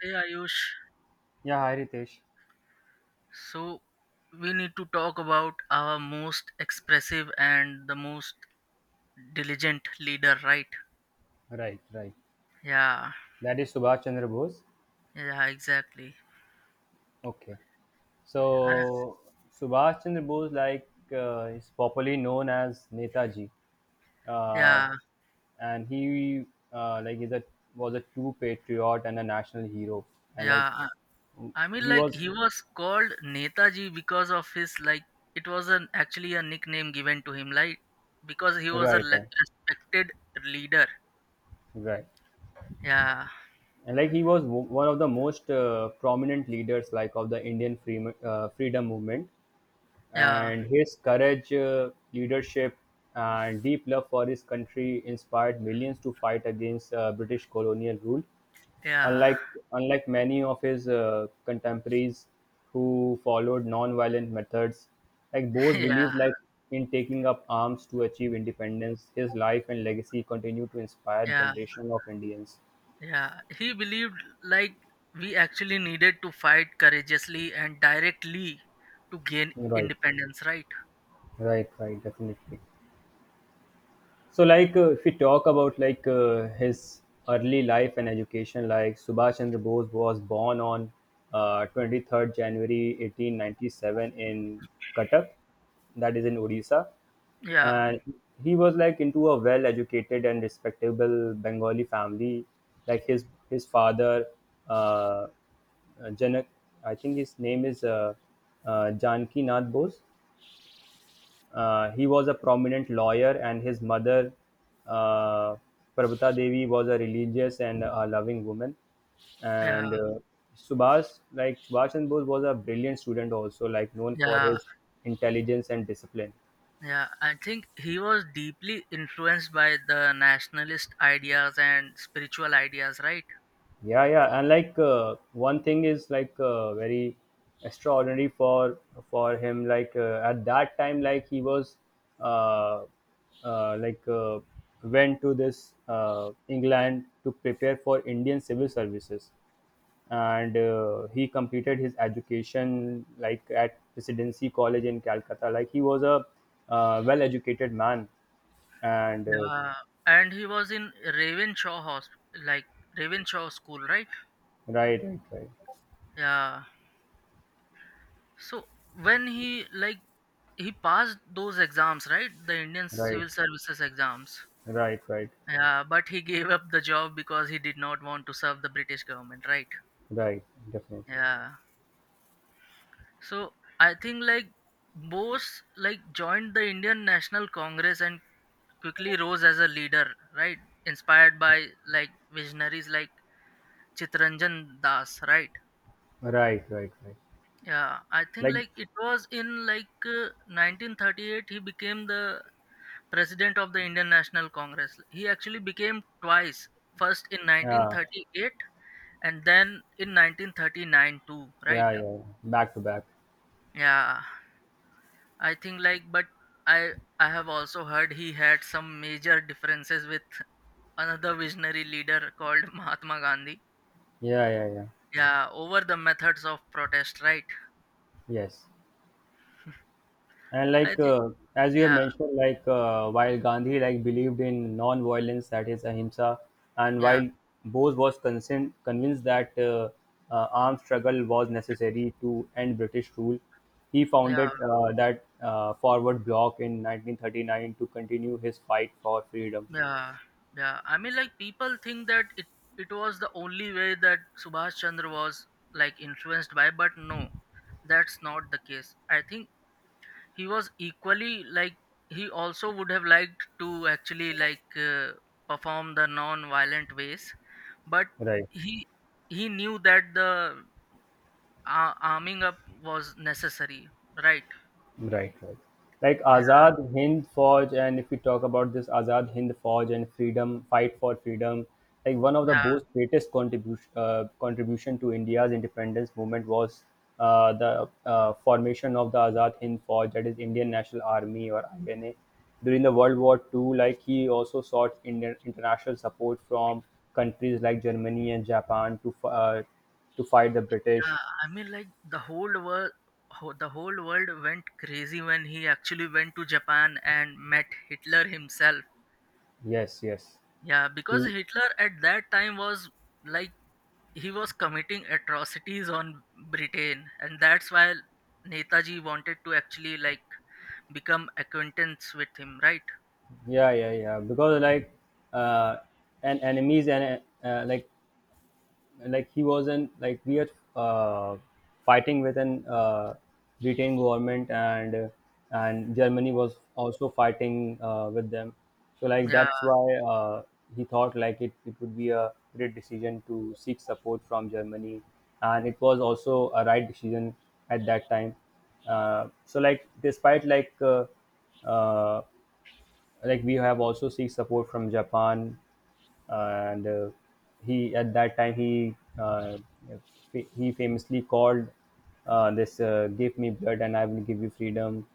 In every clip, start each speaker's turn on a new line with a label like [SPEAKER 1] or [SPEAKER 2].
[SPEAKER 1] Hey Ayush,
[SPEAKER 2] Yeah, hi Ritesh.
[SPEAKER 1] so we need to talk about our most expressive and the most diligent leader, right?
[SPEAKER 2] Right, right.
[SPEAKER 1] Yeah,
[SPEAKER 2] That is Subhash Chandra Bose.
[SPEAKER 1] yeah, exactly.
[SPEAKER 2] Okay.
[SPEAKER 1] I,
[SPEAKER 2] So Subhash Chandra Bose, like, is popularly known as Netaji, uh,
[SPEAKER 1] yeah,
[SPEAKER 2] and he like is a was a true patriot and a national hero, and like
[SPEAKER 1] yeah. I mean,
[SPEAKER 2] he
[SPEAKER 1] like
[SPEAKER 2] was
[SPEAKER 1] he was called Netaji because of his like, it was an actually a nickname given to him, like because he was a
[SPEAKER 2] right,
[SPEAKER 1] like,
[SPEAKER 2] right,
[SPEAKER 1] respected leader.
[SPEAKER 2] right,
[SPEAKER 1] Yeah,
[SPEAKER 2] and like he was one of the most prominent leaders like of the Indian freedom movement,
[SPEAKER 1] yeah,
[SPEAKER 2] and his courage, leadership, and deep love for his country inspired millions to fight against British colonial rule.
[SPEAKER 1] yeah,
[SPEAKER 2] Unlike unlike many of his contemporaries who followed non-violent methods, like Bose
[SPEAKER 1] yeah,
[SPEAKER 2] believed like in taking up arms to achieve independence. His life and legacy continue to inspire
[SPEAKER 1] yeah.
[SPEAKER 2] generation of Indians.
[SPEAKER 1] Yeah, he believed like we actually needed to fight courageously and directly to gain
[SPEAKER 2] Right,
[SPEAKER 1] independence, right?
[SPEAKER 2] right, right, definitely. So, like, if we talk about like his early life and education, like Subhash Chandra Bose was born on 23rd January 1897 in Cuttack, that is in Odisha,
[SPEAKER 1] Yeah,
[SPEAKER 2] and he was like into a well-educated and respectable Bengali family. Like his father, uh, Janak, I think his name is Janki Nath Bose. He was a prominent lawyer, and his mother, uh, Prabhuta Devi, was a religious and a loving woman.
[SPEAKER 1] yeah,
[SPEAKER 2] And Subhas, like Subhash Chandra Bose, was a brilliant student also, like known for
[SPEAKER 1] yeah,
[SPEAKER 2] his intelligence and discipline.
[SPEAKER 1] yeah. I think he was deeply influenced by the nationalist ideas and spiritual ideas, right?
[SPEAKER 2] Yeah, yeah, and like one thing is like very extraordinary for him. Like at that time, like he was uh, uh, like uh, went to this England to prepare for Indian civil services, and he completed his education like at Presidency College in Calcutta. Like he was a well-educated man, and
[SPEAKER 1] Yeah, and he was in Ravenshaw Hospital, like Ravenshaw School, right?
[SPEAKER 2] right, right, right,
[SPEAKER 1] Yeah. So when he passed those exams, right? The Indian
[SPEAKER 2] right,
[SPEAKER 1] Civil Services exams.
[SPEAKER 2] right, right,
[SPEAKER 1] Yeah, but he gave up the job because he did not want to serve the British government, right?
[SPEAKER 2] right, definitely.
[SPEAKER 1] Yeah. So I think like Bose like joined the Indian National Congress and quickly rose as a leader, right? Inspired by like visionaries like Chitranjan Das, right?
[SPEAKER 2] Right, right, right.
[SPEAKER 1] Yeah, I think
[SPEAKER 2] Like,
[SPEAKER 1] like it was in like 1938 he became the president of the Indian National Congress. He actually became twice, first in
[SPEAKER 2] yeah,
[SPEAKER 1] 1938 and then in 1939 too, right?
[SPEAKER 2] yeah, yeah, yeah. Back to back.
[SPEAKER 1] Yeah, I think like but i i have also heard he had some major differences with another visionary leader called Mahatma Gandhi,
[SPEAKER 2] Yeah, yeah, yeah.
[SPEAKER 1] yeah, over the methods of protest, right?
[SPEAKER 2] Yes. And
[SPEAKER 1] I
[SPEAKER 2] like,
[SPEAKER 1] think
[SPEAKER 2] as you have
[SPEAKER 1] yeah,
[SPEAKER 2] mentioned, like, while Gandhi like believed in non-violence, that is ahimsa, and
[SPEAKER 1] yeah,
[SPEAKER 2] while Bose was convinced that armed struggle was necessary to end British rule, he
[SPEAKER 1] yeah,
[SPEAKER 2] founded that forward block in 1939 to continue his fight for freedom.
[SPEAKER 1] yeah, yeah. I mean, like people think that it was the only way that Subhash Chandra was like influenced by, but no, that's not the case. I think he was equally like he also would have liked to actually perform the non-violent ways, but
[SPEAKER 2] Right.
[SPEAKER 1] he he knew that the arming up was necessary, right?
[SPEAKER 2] Right, right. Like
[SPEAKER 1] Yeah,
[SPEAKER 2] Azad Hind Fauj, and if we talk about this Azad Hind Fauj and freedom, fight for freedom, like one of the
[SPEAKER 1] yeah,
[SPEAKER 2] most greatest contribution to India's independence movement was the formation of the Azad Hind Fauj, that is Indian National Army or INA, during the World War Two. Like he also sought Indian international support from countries like Germany and Japan to to fight the British.
[SPEAKER 1] yeah. I mean, like the whole world went crazy when he actually went to Japan and met Hitler himself.
[SPEAKER 2] Yes, yes.
[SPEAKER 1] Yeah, because
[SPEAKER 2] He-
[SPEAKER 1] Hitler at that time was like he was committing atrocities on Britain, and that's why Netaji wanted to actually like become acquaintance with him, right?
[SPEAKER 2] yeah, yeah, yeah, because like uh and enemies and like he wasn't like we are uh, fighting with an Britain government, and Germany was also fighting with them. So like
[SPEAKER 1] Yeah,
[SPEAKER 2] that's why he thought like it would be a great decision to seek support from Germany, and it was also a right decision at that time. So like despite uh, like we have also seek support from Japan, and he at that time he famously called this, "Give me blood and I will give you freedom."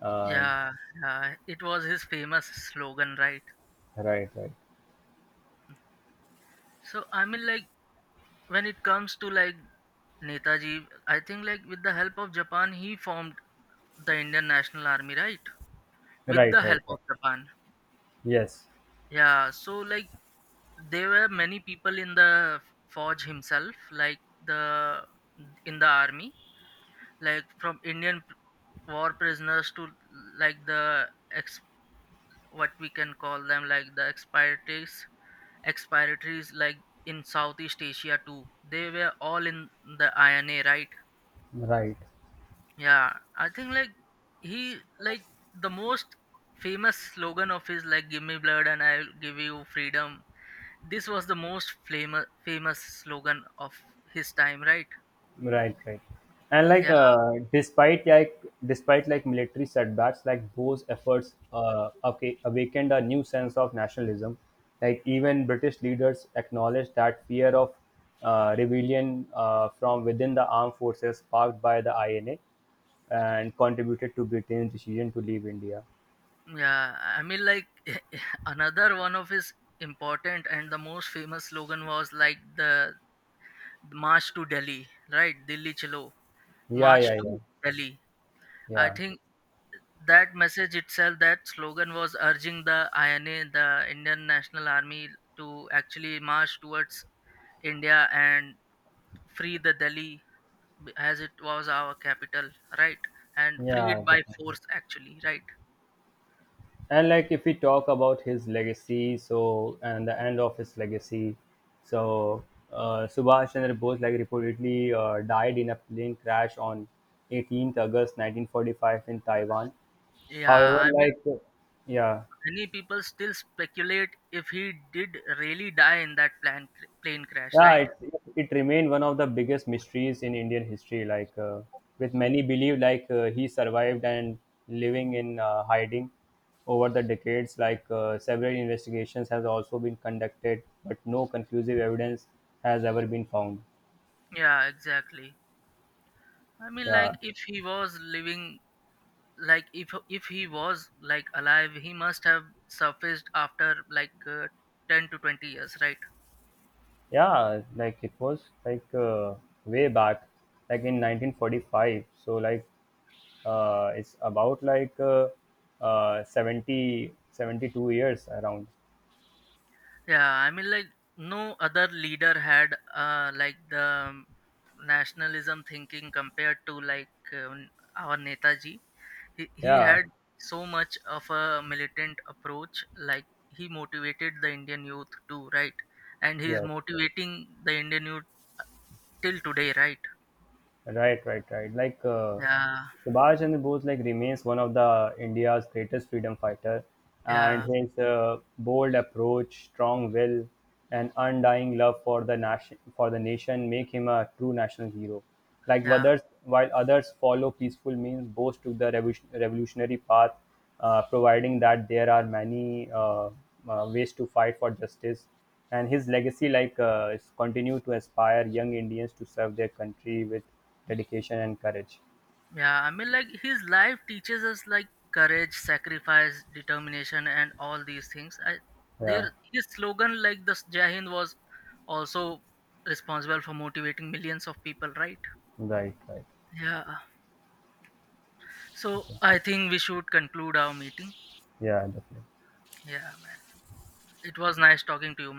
[SPEAKER 2] Uh,
[SPEAKER 1] yeah, yeah. It was his famous slogan, right?
[SPEAKER 2] right, right,
[SPEAKER 1] So I mean, like when it comes to like Netaji, I think like with the help of Japan, he formed the Indian National Army, right? With the
[SPEAKER 2] right, right,
[SPEAKER 1] help of
[SPEAKER 2] right.
[SPEAKER 1] Japan.
[SPEAKER 2] Yes,
[SPEAKER 1] Yeah, so like there were many people in the forge himself, like the in the army like from Indian p- war prisoners to like the ex what we can call them like the expatriates like in Southeast Asia too. They were all in the INA, right?
[SPEAKER 2] right.
[SPEAKER 1] Yeah, I think like he like the most famous slogan of his like "Give me blood and I'll give you freedom." This was the most famous slogan of his time, right?
[SPEAKER 2] Right, right. And like
[SPEAKER 1] Yeah.
[SPEAKER 2] despite like military setbacks, like those efforts okay, awakened a new sense of nationalism. Like even British leaders acknowledged that fear of rebellion from within the armed forces sparked by the INA and contributed to Britain's decision to leave India.
[SPEAKER 1] Yeah, I mean, like another one of his important and the most famous slogan was like the March to Delhi, right? Delhi Chalo,
[SPEAKER 2] Yeah,
[SPEAKER 1] March
[SPEAKER 2] yeah, yeah,
[SPEAKER 1] to Delhi. I
[SPEAKER 2] yeah,
[SPEAKER 1] think that message itself, that slogan was urging the INA, the Indian National Army, to actually march towards India and free the Delhi as it was our capital, right? And free
[SPEAKER 2] yeah.
[SPEAKER 1] it by
[SPEAKER 2] Definitely.
[SPEAKER 1] force, actually, right?
[SPEAKER 2] And like if we talk about his legacy, so, and the end of his legacy, so Subhash Chandra Bose like reportedly died in a plane crash on 18th August 1945 in Taiwan.
[SPEAKER 1] Yeah,
[SPEAKER 2] However,
[SPEAKER 1] I mean,
[SPEAKER 2] like, yeah.
[SPEAKER 1] many people still speculate if he did really die in that plane crash,
[SPEAKER 2] Yeah,
[SPEAKER 1] right?
[SPEAKER 2] it remained one of the biggest mysteries in Indian history. Like, with many believe like he survived and living in hiding over the decades. Like several investigations has also been conducted, but no conclusive evidence has ever been found.
[SPEAKER 1] Yeah, exactly. I mean, like
[SPEAKER 2] Yeah,
[SPEAKER 1] if he was living, like if he was like alive, he must have surfaced after 10 to 20 years, right?
[SPEAKER 2] yeah, like it was like way back, like in 1945. So like it's about like 70, 72 years around.
[SPEAKER 1] Yeah, I mean, like no other leader had like the nationalism thinking compared to like our Netaji. He
[SPEAKER 2] Yeah.
[SPEAKER 1] had so much of a militant approach, like he motivated the Indian youth too, right? And he's
[SPEAKER 2] Yeah,
[SPEAKER 1] motivating the Indian youth till today, right?
[SPEAKER 2] right, right, right. Like
[SPEAKER 1] Yeah,
[SPEAKER 2] Subhash Chandra Bose, like remains one of the India's greatest freedom fighter, and
[SPEAKER 1] yeah,
[SPEAKER 2] his bold approach, strong will, and undying love for the nation make him a true national hero. Like
[SPEAKER 1] yeah,
[SPEAKER 2] others, while others follow peaceful means, Bose took the revolutionary path, providing that there are many ways to fight for justice. And his legacy, like, is continue to inspire young Indians to serve their country with dedication and courage.
[SPEAKER 1] yeah. I mean, like his life teaches us like courage, sacrifice, determination, and all these things. I
[SPEAKER 2] Yeah,
[SPEAKER 1] there his slogan like the Jai Hind was also responsible for motivating millions of people, right?
[SPEAKER 2] right, right.
[SPEAKER 1] Yeah. So
[SPEAKER 2] Okay.
[SPEAKER 1] I think we should conclude our meeting.
[SPEAKER 2] Yeah, definitely.
[SPEAKER 1] Yeah, man, it was nice talking to you.